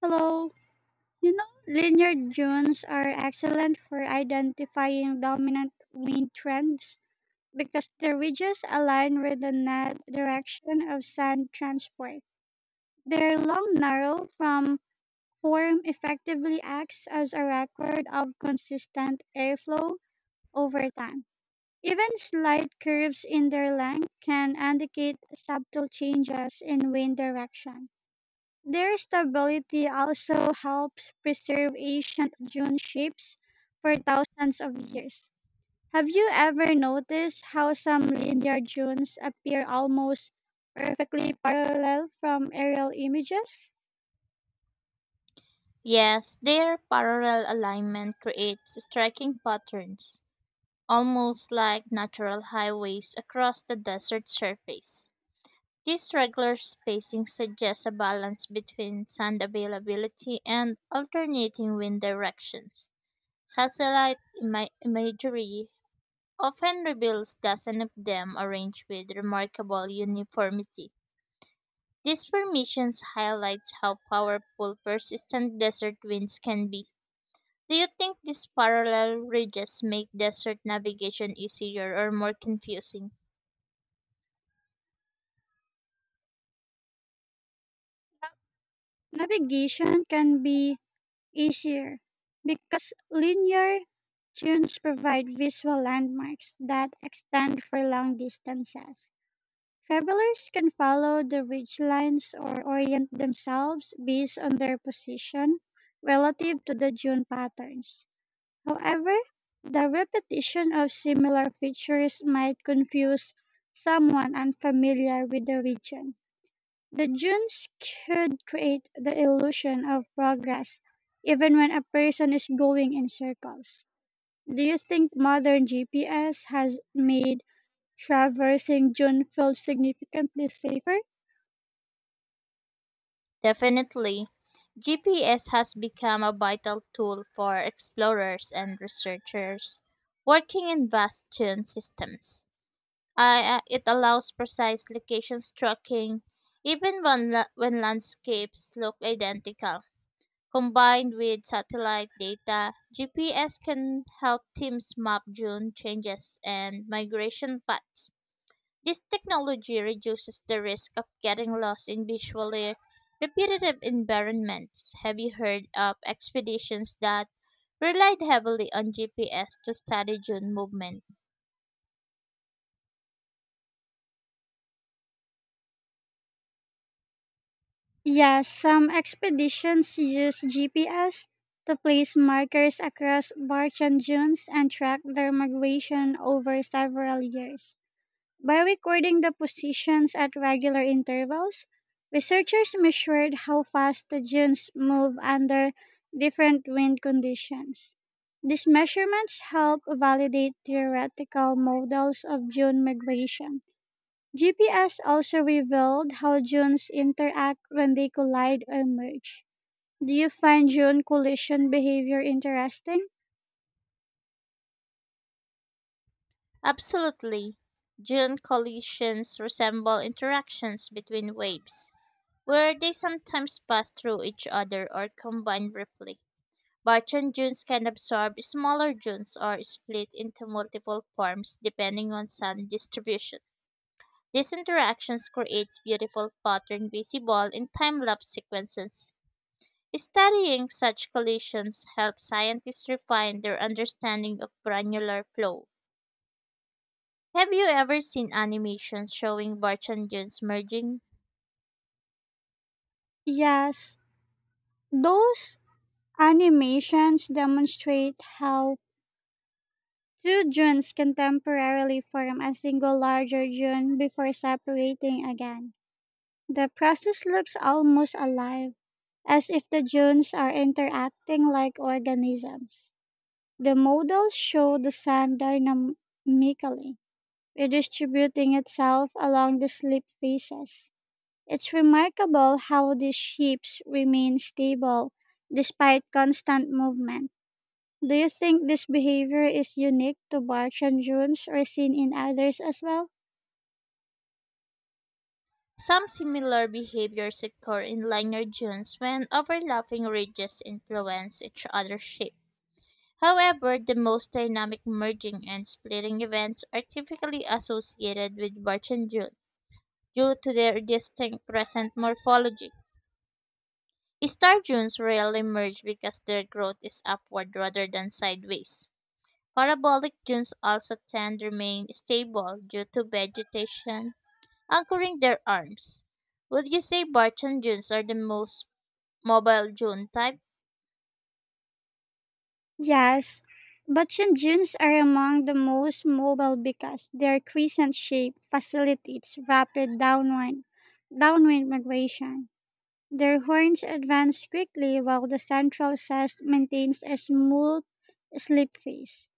Hello. Linear dunes are excellent for identifying dominant wind trends because the ridges align with the net direction of sand transport. Their long narrow from form effectively acts as a record of consistent airflow over time. Even slight curves in their length can indicate subtle changes in wind direction. Their stability also helps preserve ancient dune shapes for thousands of years. Have you ever noticed how some linear dunes appear almost perfectly parallel from aerial images? Yes, their parallel alignment creates striking patterns, almost like natural highways across the desert surface. This regular spacing suggests a balance between sand availability and alternating wind directions. Imagery often reveals dozens of them arranged with remarkable uniformity. These formations highlights how powerful persistent desert winds can be. Do you think these parallel ridges make desert navigation easier or more confusing? Navigation can be easier because linear dunes provide visual landmarks that extend for long distances. Travelers can follow the ridgelines or orient themselves based on their position relative to the dune patterns. However, the repetition of similar features might confuse someone unfamiliar with the region. The dunes could create the illusion of progress even when a person is going in circles. Do you think modern GPS has made traversing dune fields significantly safer? Definitely. GPS has become a vital tool for explorers and researchers working in vast dune systems. It allows precise locations tracking even when landscapes look identical. Combined with satellite data, GPS can help teams map dune changes and migration paths. This technology reduces the risk of getting lost in visually repetitive environments. Have you heard of expeditions that relied heavily on GPS to study dune movement? Yes, some expeditions use GPS to place markers across Barchan dunes and track their migration over several years. By recording the positions at regular intervals, researchers measured how fast the dunes move under different wind conditions. These measurements help validate theoretical models of dune migration. GPS also revealed how dunes interact when they collide or merge. Do you find dune collision behavior interesting? Absolutely. Dune collisions resemble interactions between waves, where they sometimes pass through each other or combine briefly. Barchan dunes can absorb smaller dunes or split into multiple forms depending on sun distribution. These interactions creates beautiful pattern visible in time-lapse sequences. Studying such collisions helps scientists refine their understanding of granular flow. Have you ever seen animations showing Barchan dunes merging? Yes. Those animations demonstrate how two dunes can temporarily form a single larger dune before separating again. The process looks almost alive, as if the dunes are interacting like organisms. The models show the sand dynamically redistributing itself along the slip faces. It's remarkable how these ships remain stable despite constant movement. Do you think this behavior is unique to Barchan dunes or seen in others as well? Some similar behaviors occur in linear dunes when overlapping ridges influence each other's shape. However, the most dynamic merging and splitting events are typically associated with Barchan dunes, due to their distinct crescent morphology. Star dunes rarely merge because their growth is upward rather than sideways. Parabolic dunes also tend to remain stable due to vegetation anchoring their arms. Would you say Barton dunes are the most mobile dune type? Yes, Barchan dunes are among the most mobile because their crescent shape facilitates rapid downwind migration. Their horns advance quickly while the central sash maintains a smooth slip phase.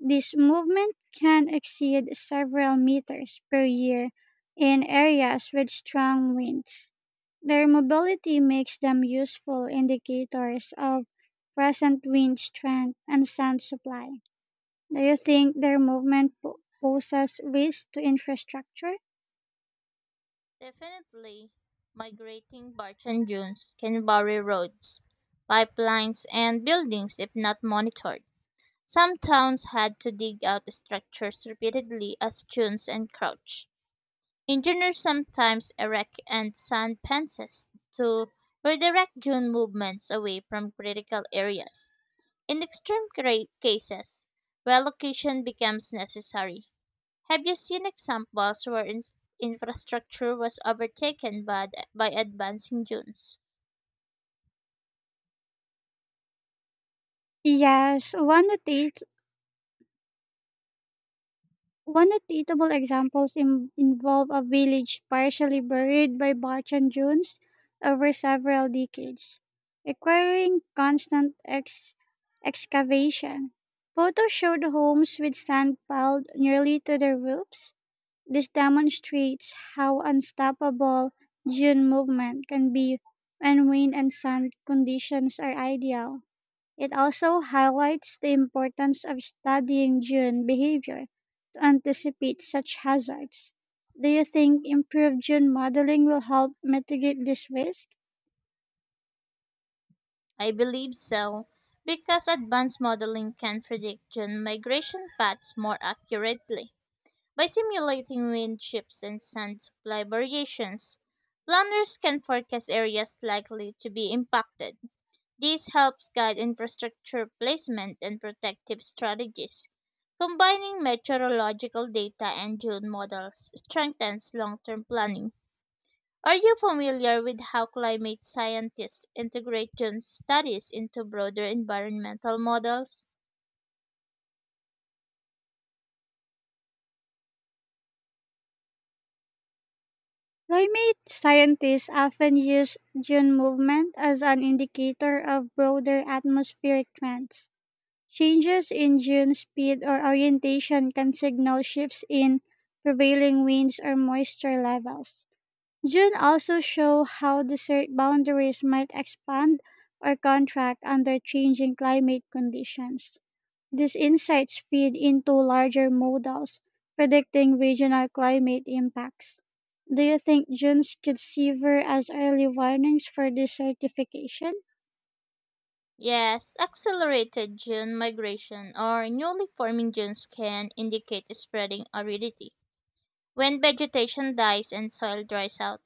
This movement can exceed several meters per year in areas with strong winds. Their mobility makes them useful indicators of present wind strength and sun supply. Do you think their movement poses risks to infrastructure? Definitely. Migrating Barton dunes can bury roads, pipelines, and buildings if not monitored. Some towns had to dig out structures repeatedly as tunes encroached. Engineers sometimes erect and sand fences to redirect dune movements away from critical areas. In cases, relocation becomes necessary. Have you seen examples where infrastructure was overtaken by advancing dunes? Yes, one notation One notable examples involve a village partially buried by Barchan dunes over several decades, requiring constant excavation. Photos showed homes with sand piled nearly to their roofs. This demonstrates how unstoppable dune movement can be when wind and sand conditions are ideal. It also highlights the importance of studying June behavior to anticipate such hazards. Do you think improved June modeling will help mitigate this risk? I believe so, because advanced modeling can predict gen migration paths more accurately. By simulating wind shifts and sand supply variations, planners can forecast areas likely to be impacted. This helps guide infrastructure placement and protective strategies. Combining meteorological data and June models strengthens long term planning. Are you familiar with how climate scientists integrate gene studies into broader environmental models? Climate scientists often use June movement as an indicator of broader atmospheric trends. Changes in June speed or orientation can signal shifts in prevailing winds or moisture levels. June also show how desert boundaries might expand or contract under changing climate conditions. These insights feed into larger models predicting regional climate impacts. Do you think dunes could sever as early warnings for desertification? Yes, accelerated gene migration or newly forming genes can indicate spreading aridity. When vegetation dies and soil dries out,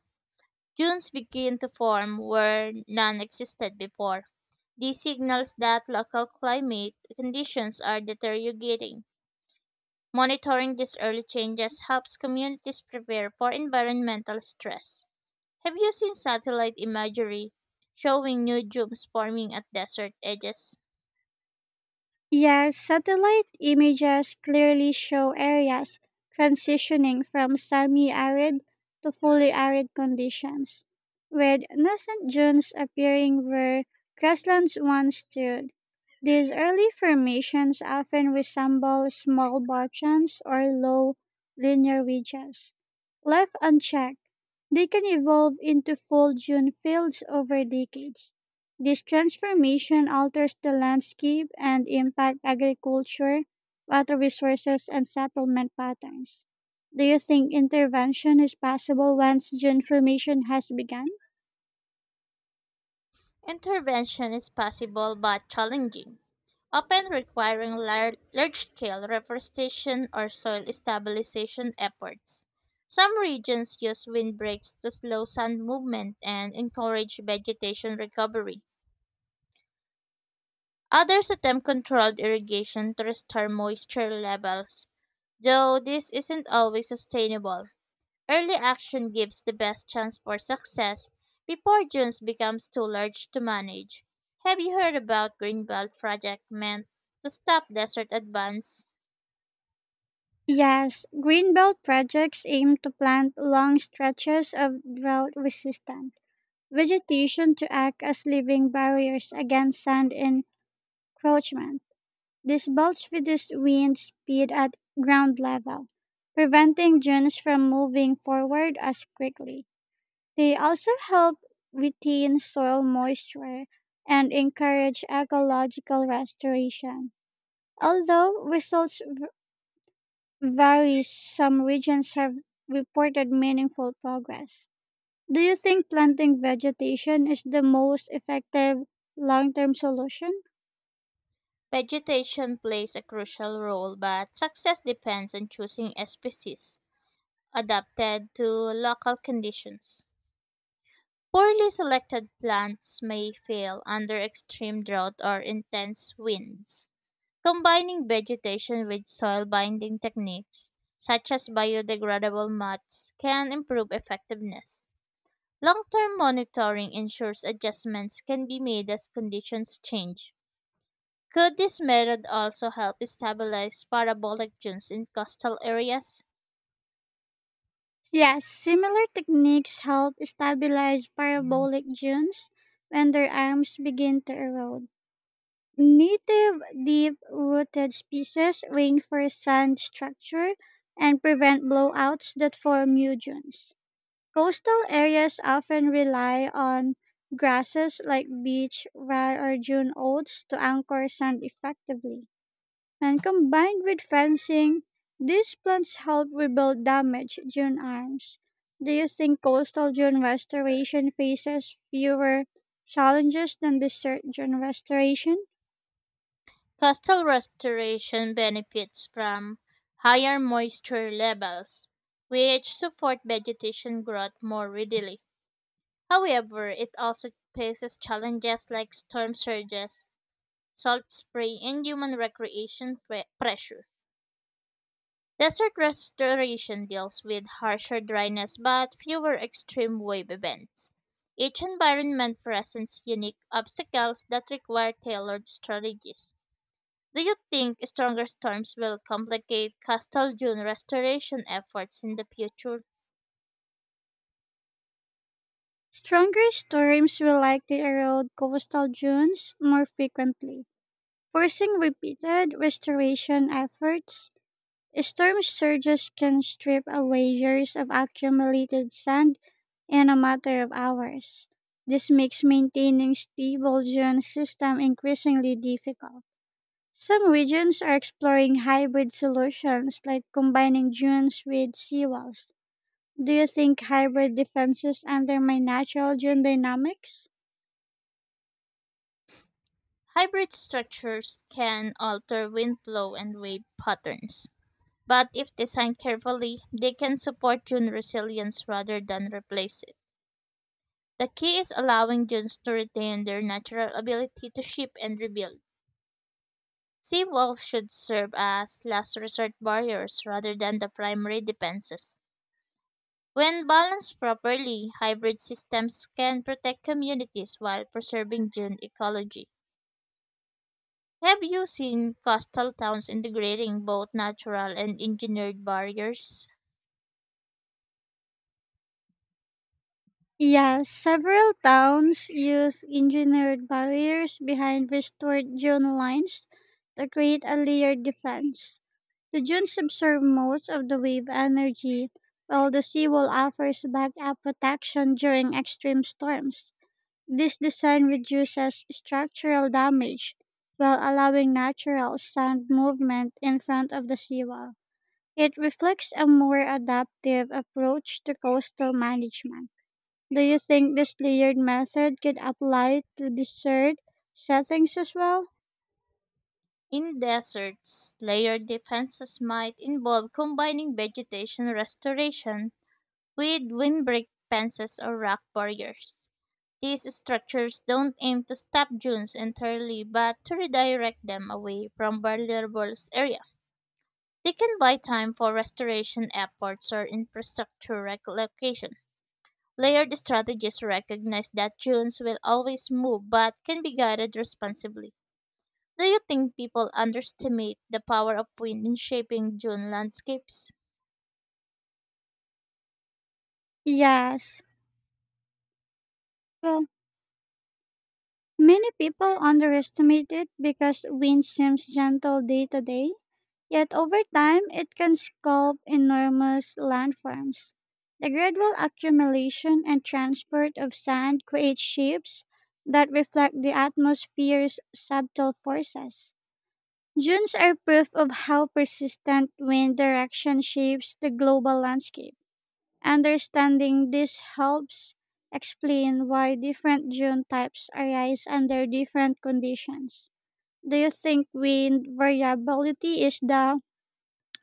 dunes begin to form where none existed before. This signals that local climate conditions are deteriorating. Monitoring these early changes helps communities prepare for environmental stress. Have you seen satellite imagery showing new dunes forming at desert edges? Yes, satellite images clearly show areas transitioning from semi-arid to fully arid conditions, with nascent dunes appearing where grasslands once stood. These early formations often resemble small barchans or low linear ridges. Left unchecked, they can evolve into full dune fields over decades. This transformation alters the landscape and impact agriculture, water resources, and settlement patterns. Do you think intervention is possible once gentrification has begun? Intervention is possible but challenging, often requiring large scale reforestation or soil stabilization efforts. Some regions use windbreaks to slow sand movement and encourage vegetation recovery. Others attempt controlled irrigation to restore moisture levels, though this isn't always sustainable. Early action gives the best chance for success before dunes becomes too large to manage. Have you heard about Greenbelt project meant to stop desert advance? Yes, greenbelt projects aim to plant long stretches of drought resistant vegetation to act as living barriers against sand encroachment. This bulge reduced wind speed at ground level, preventing dunes from moving forward as quickly. They also help retain soil moisture and encourage ecological restoration. Although results vary, some regions have reported meaningful progress. Do you think planting vegetation is the most effective long term solution? Vegetation plays a crucial role, but success depends on choosing species adapted to local conditions. Poorly selected plants may fail under extreme drought or intense winds. Combining vegetation with soil binding techniques, such as biodegradable mats, can improve effectiveness. Long term monitoring ensures adjustments can be made as conditions change. Could this method also help stabilize parabolic dunes in coastal areas? Yes, similar techniques help stabilize parabolic dunes when their arms begin to erode. Native deep rooted species reinforce sand structure and prevent blowouts that form new dunes. Coastal areas often rely on grasses like beach, rye, or dune oats to anchor sand effectively and combined with fencing, these plants help rebuild damaged dune arms. Do you think coastal dune restoration faces fewer challenges than desert dune restoration? Coastal restoration benefits from higher moisture levels, which support vegetation growth more readily. However, it also faces challenges like storm surges, salt spray, and human pressure. Desert restoration deals with harsher dryness but fewer extreme wave events. Each environment presents unique obstacles that require tailored strategies. Do you think stronger storms will complicate coastal dune restoration efforts in the future? Stronger storms will likely erode coastal dunes more frequently, forcing repeated restoration efforts. Storm surges can strip away years of accumulated sand in a matter of hours. This makes maintaining stable dune system increasingly difficult. Some regions are exploring hybrid solutions like combining dunes with seawalls. Do you think hybrid defenses undermine natural dune dynamics? Hybrid structures can alter wind flow and wave patterns, but if designed carefully, they can support dune resilience rather than replace it. The key is allowing dunes to retain their natural ability to shift and rebuild. Seawalls should serve as last resort barriers rather than the primary defenses. When balanced properly, hybrid systems can protect communities while preserving dune ecology. Have you seen coastal towns integrating both natural and engineered barriers? Yes, several towns use engineered barriers behind restored dune lines to create a layered defense. The dunes absorb most of the wave energy, while the seawall offers backup protection during extreme storms. This design reduces structural damage while allowing natural sand movement in front of the seawall. It reflects a more adaptive approach to coastal management. Do you think this layered method could apply to desert settings as well? In deserts, layered defenses might involve combining vegetation restoration with windbreak fences or rock barriers. These structures don't aim to stop dunes entirely but to redirect them away from vulnerable areas. They can buy time for restoration efforts or infrastructure relocation. Layered strategies recognize that dunes will always move but can be guided responsibly. Do you think people underestimate the power of wind in shaping dune landscapes? Yes. Well, many people underestimate it because wind seems gentle day to day, yet over time it can sculpt enormous landforms. The gradual accumulation and transport of sand creates shapes that reflect the atmosphere's subtle forces. Dunes are proof of how persistent wind direction shapes the global landscape. Understanding this helps explain why different dune types arise under different conditions. Do you think wind variability is the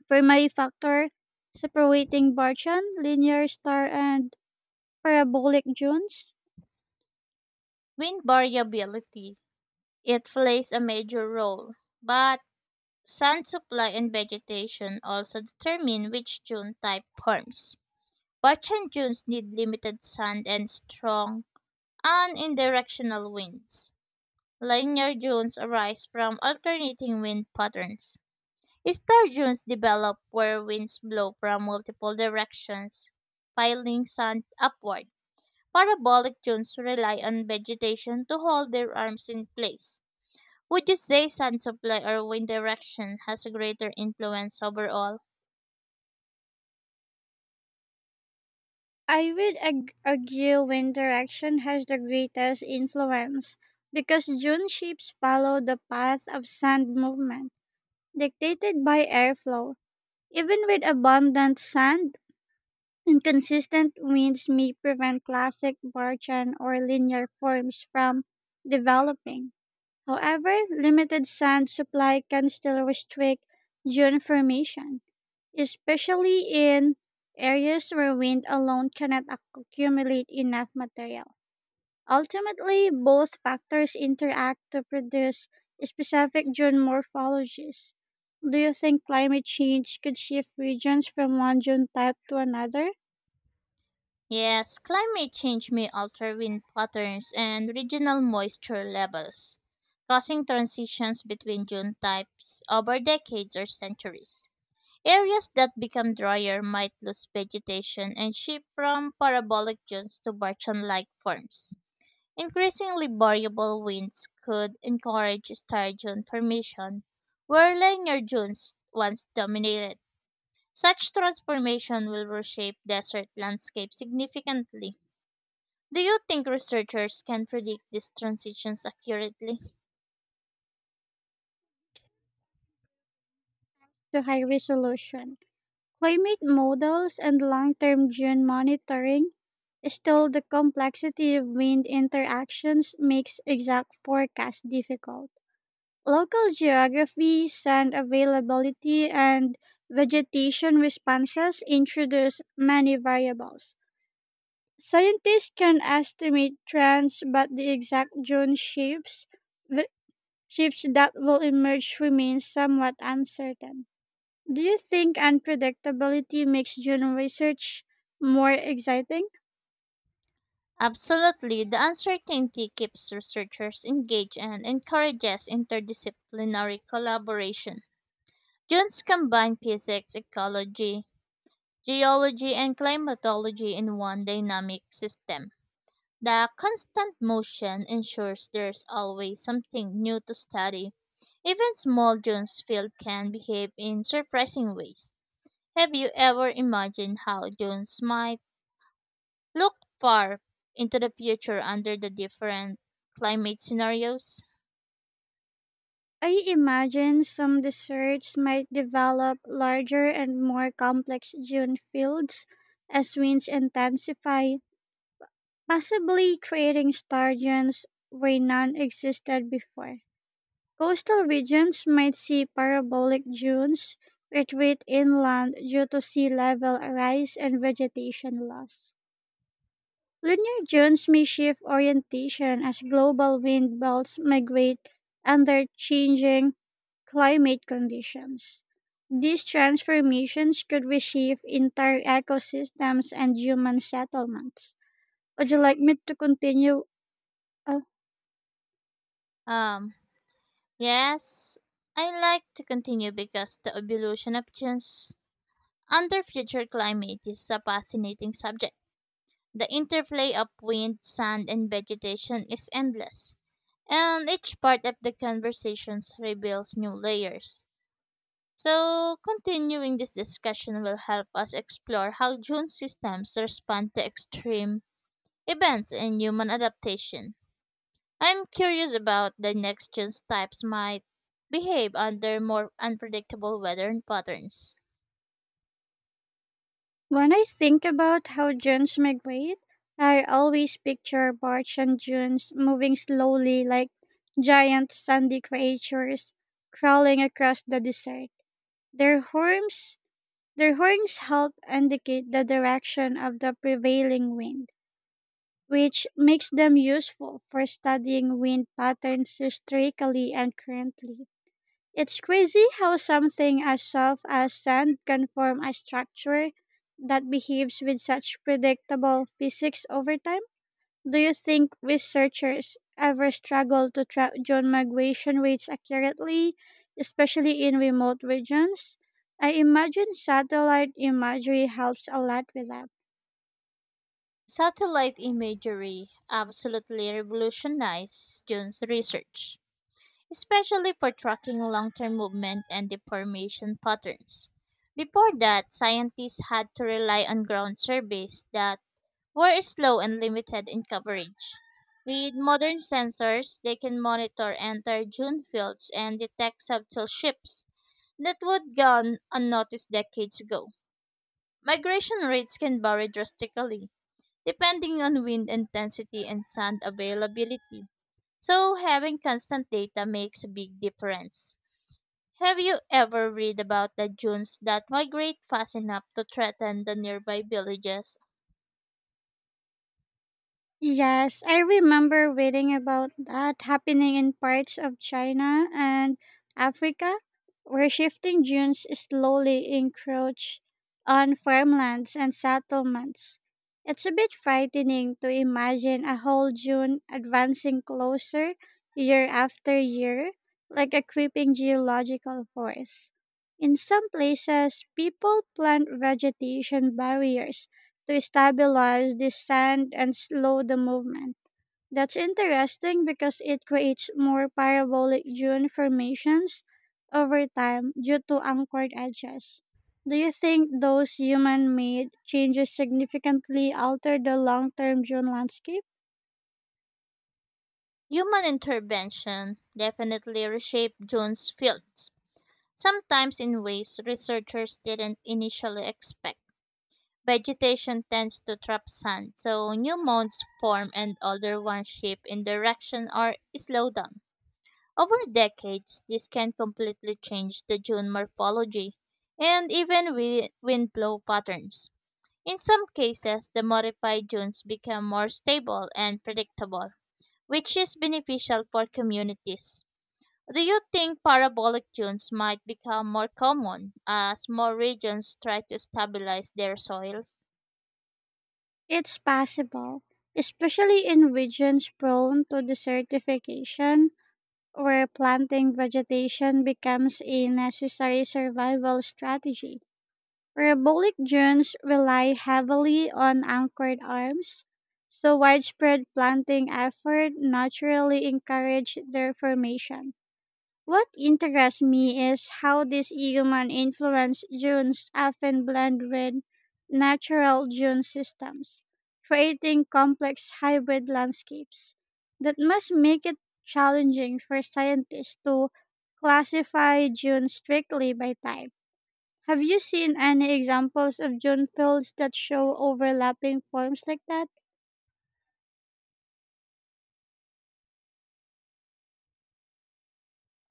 primary factor separating Barchan, linear star, and parabolic dunes? Wind variability. It plays a major role, but sun supply and vegetation also determine which dune type forms. Parchan dunes need limited sun and strong and indirectional winds. Linear dunes arise from alternating wind patterns. Star dunes develop where winds blow from multiple directions, piling sand upward. Parabolic dunes rely on vegetation to hold their arms in place. Would you say sand supply or wind direction has a greater influence overall? I would argue wind direction has the greatest influence because dune shapes follow the path of sand movement, dictated by airflow. Even with abundant sand, inconsistent winds may prevent classic Barchan or linear forms from developing. However, limited sand supply can still restrict dune formation, especially in areas where wind alone cannot accumulate enough material. Ultimately, both factors interact to produce specific dune morphologies. Do you think climate change could shift regions from one dune type to another? Yes, climate change may alter wind patterns and regional moisture levels, causing transitions between dune types over decades or centuries. Areas that become drier might lose vegetation and shift from parabolic dunes to barchan-like forms. Increasingly variable winds could encourage star dune formation, where linear dunes once dominated. Such transformation will reshape desert landscapes significantly. Do you think researchers can predict these transitions accurately? To high resolution. Climate models and long term gene monitoring. Still, the complexity of wind interactions makes exact forecast difficult. Local geography, sand availability, and vegetation responses introduce many variables. Scientists can estimate trends, but the exact zone shifts that will emerge remains somewhat uncertain. Do you think unpredictability makes journal research more exciting? Absolutely. The uncertainty keeps researchers engaged and encourages interdisciplinary collaboration. Jones combined physics, ecology, geology, and climatology in one dynamic system. The constant motion ensures there's always something new to study. Even small Jones field can behave in surprising ways. Have you ever imagined how Jones might look far into the future under the different climate scenarios? I imagine some research might develop larger and more complex dune fields as winds intensify, possibly creating star dunes where none existed before. Coastal regions might see parabolic dunes retreat inland due to sea level rise and vegetation loss. Lunar dunes may shift orientation as global wind belts migrate under changing climate conditions. These transformations could reshape entire ecosystems and human settlements. Would you like me to continue? Uh, Um, yes, I like to continue because the evolution of genes under future climate is a fascinating subject. The interplay of wind, sand, and vegetation is endless, and each part of the conversations reveals new layers. So, continuing this discussion will help us explore how June systems respond to extreme events in human adaptation. I'm curious about the next gen types might behave under more unpredictable weather patterns. when I think about how dunes migrate, I always picture barge and dunes moving slowly like giant sandy creatures crawling across the desert. Their horns Their horns help indicate the direction of the prevailing wind, which makes them useful for studying wind patterns historically and currently. It's crazy how something as soft as sand can form a structure that behaves with such predictable physics over time. Do you think researchers ever struggle to track drone migration rates accurately, especially in remote regions? I imagine satellite imagery helps a lot with that. Satellite imagery absolutely revolutionized June's research, especially for tracking long term movement and deformation patterns. Before that, scientists had to rely on ground surveys that were slow and limited in coverage. With modern sensors, they can monitor entire dune fields and detect subtle shifts that would gone unnoticed decades ago. Migration rates can vary drastically, depending on wind intensity and sand availability. So, having constant data makes a big difference. Have you ever read about the dunes that migrate fast enough to threaten the nearby villages? Yes, I remember reading about that happening in parts of China and Africa, where shifting dunes slowly encroach on farmlands and settlements. It's a bit frightening to imagine a whole dune advancing closer year after year, like a creeping geological force. In some places, people plant vegetation barriers to stabilize the sand and slow the movement. That's interesting because it creates more parabolic dune formations over time due to anchored edges. Do you think those human made changes significantly alter the long term dune landscape? Human intervention definitely reshaped June's fields, sometimes in ways researchers didn't initially expect. Vegetation tends to trap sand, so new mounds form and older ones shift in direction or slow down. Over decades, this can completely change the dune morphology and even wind blow patterns. In some cases, the modified dunes become more stable and predictable, which is beneficial for communities. Do you think parabolic dunes might become more common as more regions try to stabilize their soils? It's possible, especially in regions prone to desertification where planting vegetation becomes a necessary survival strategy. Parabolic drones rely heavily on anchored arms, so widespread planting effort naturally encouraged their formation. What interests me is how these human influenced dunes often blend with natural dune systems, creating complex hybrid landscapes that must make it challenging for scientists to classify dunes strictly by type. Have you seen any examples of June fields that show overlapping forms like that?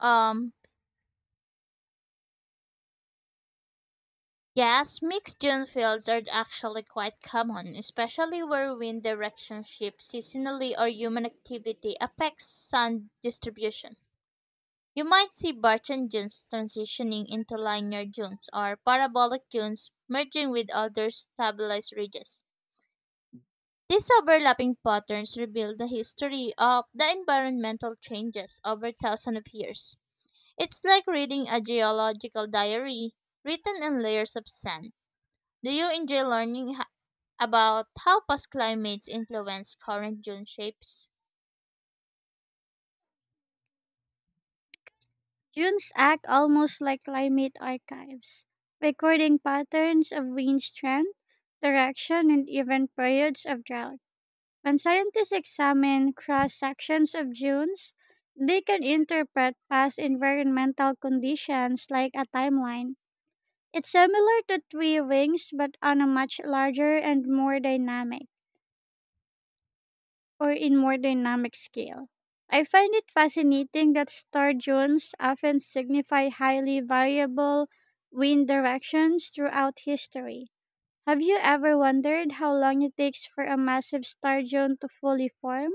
Um, yes, mixed dune fields are actually quite common, especially where wind direction shifts seasonally or human activity affects sand distribution. You might see Barton dunes transitioning into linear dunes or parabolic dunes merging with other stabilized ridges. These overlapping patterns reveal the history of the environmental changes over thousands of years. It's like reading a geological diary written in layers of sand. Do you enjoy learning about how past climates influence current dune shapes? Dunes act almost like climate archives, recording patterns of wind strength, direction, and even periods of drought. When scientists examine cross sections of dunes, they can interpret past environmental conditions like a timeline. It's similar to tree rings but on a much larger and more dynamic or in more dynamic scale. I find it fascinating that star zones often signify highly variable wind directions throughout history. Have you ever wondered how long it takes for a massive star zone to fully form?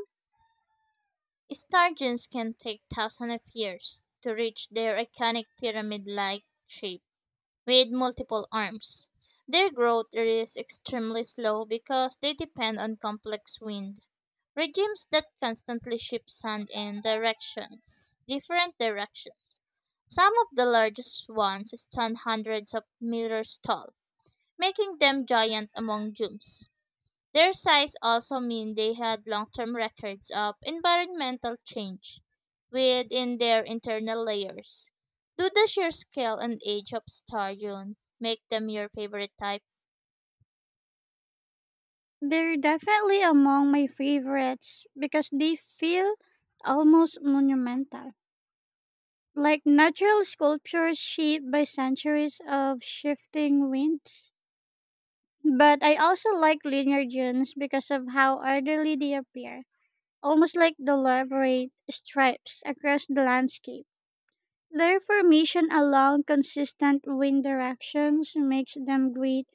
Sturgeons can take thousands of years to reach their iconic pyramid like shape with multiple arms. Their growth is extremely slow because they depend on complex wind regimes that constantly shift sand in different directions. Some of the largest ones stand hundreds of meters tall, making them giant among dunes. Their size also mean they had long-term records of environmental change within their internal layers. Do the sheer scale and age of Starjune make them your favorite type? They're definitely among my favorites because they feel almost monumental, like natural sculptures shaped by centuries of shifting winds. But I also like linear dunes because of how orderly they appear, almost like deliberate stripes across the landscape. Their formation along consistent wind directions makes them great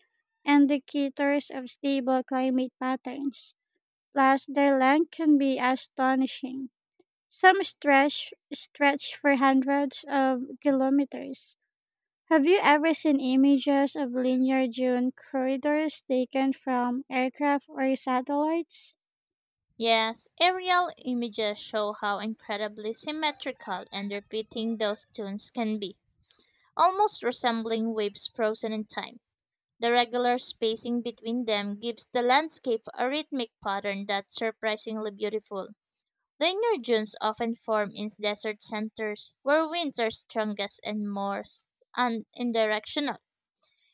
indicators of stable climate patterns. Plus, their length can be astonishing. Some stretch for hundreds of kilometers, have you ever seen images of linear dune corridors taken from aircraft or satellites? Yes, aerial images show how incredibly symmetrical and repeating those tunes can be, almost resembling waves frozen in time. The regular spacing between them gives the landscape a rhythmic pattern that's surprisingly beautiful. The inner dunes often form in desert centers where winds are strongest and most indirectional.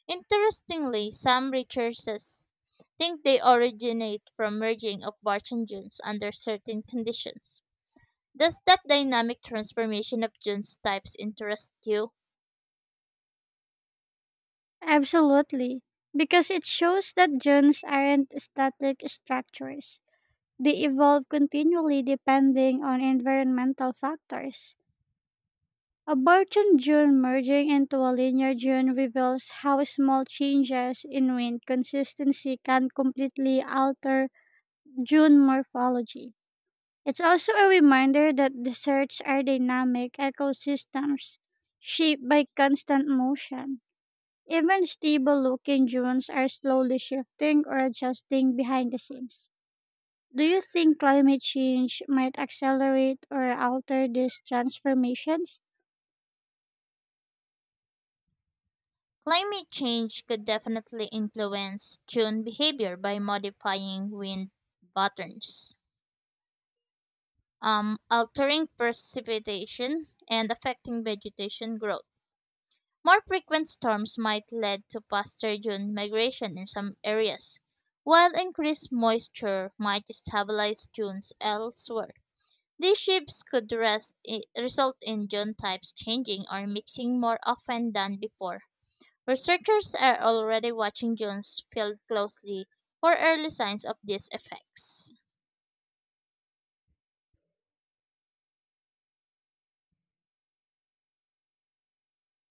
Interestingly, some researchers think they originate from merging of Barton dunes under certain conditions. Does that dynamic transformation of dunes types interest you? Absolutely, because it shows that dunes aren't static structures. They evolve continually depending on environmental factors. A Barton dune merging into a linear dune reveals how small changes in wind consistency can completely alter dune morphology. It's also a reminder that deserts are dynamic ecosystems shaped by constant motion. Even stable looking dunes are slowly shifting or adjusting behind the scenes. Do you think climate change might accelerate or alter these transformations? Climate change could definitely influence dune behavior by modifying wind patterns, altering precipitation and affecting vegetation growth. More frequent storms might lead to pasture-dune migration in some areas, while increased moisture might stabilize dunes elsewhere. These shifts could result in dune types changing or mixing more often than before. Researchers are already watching dunes field closely for early signs of these effects.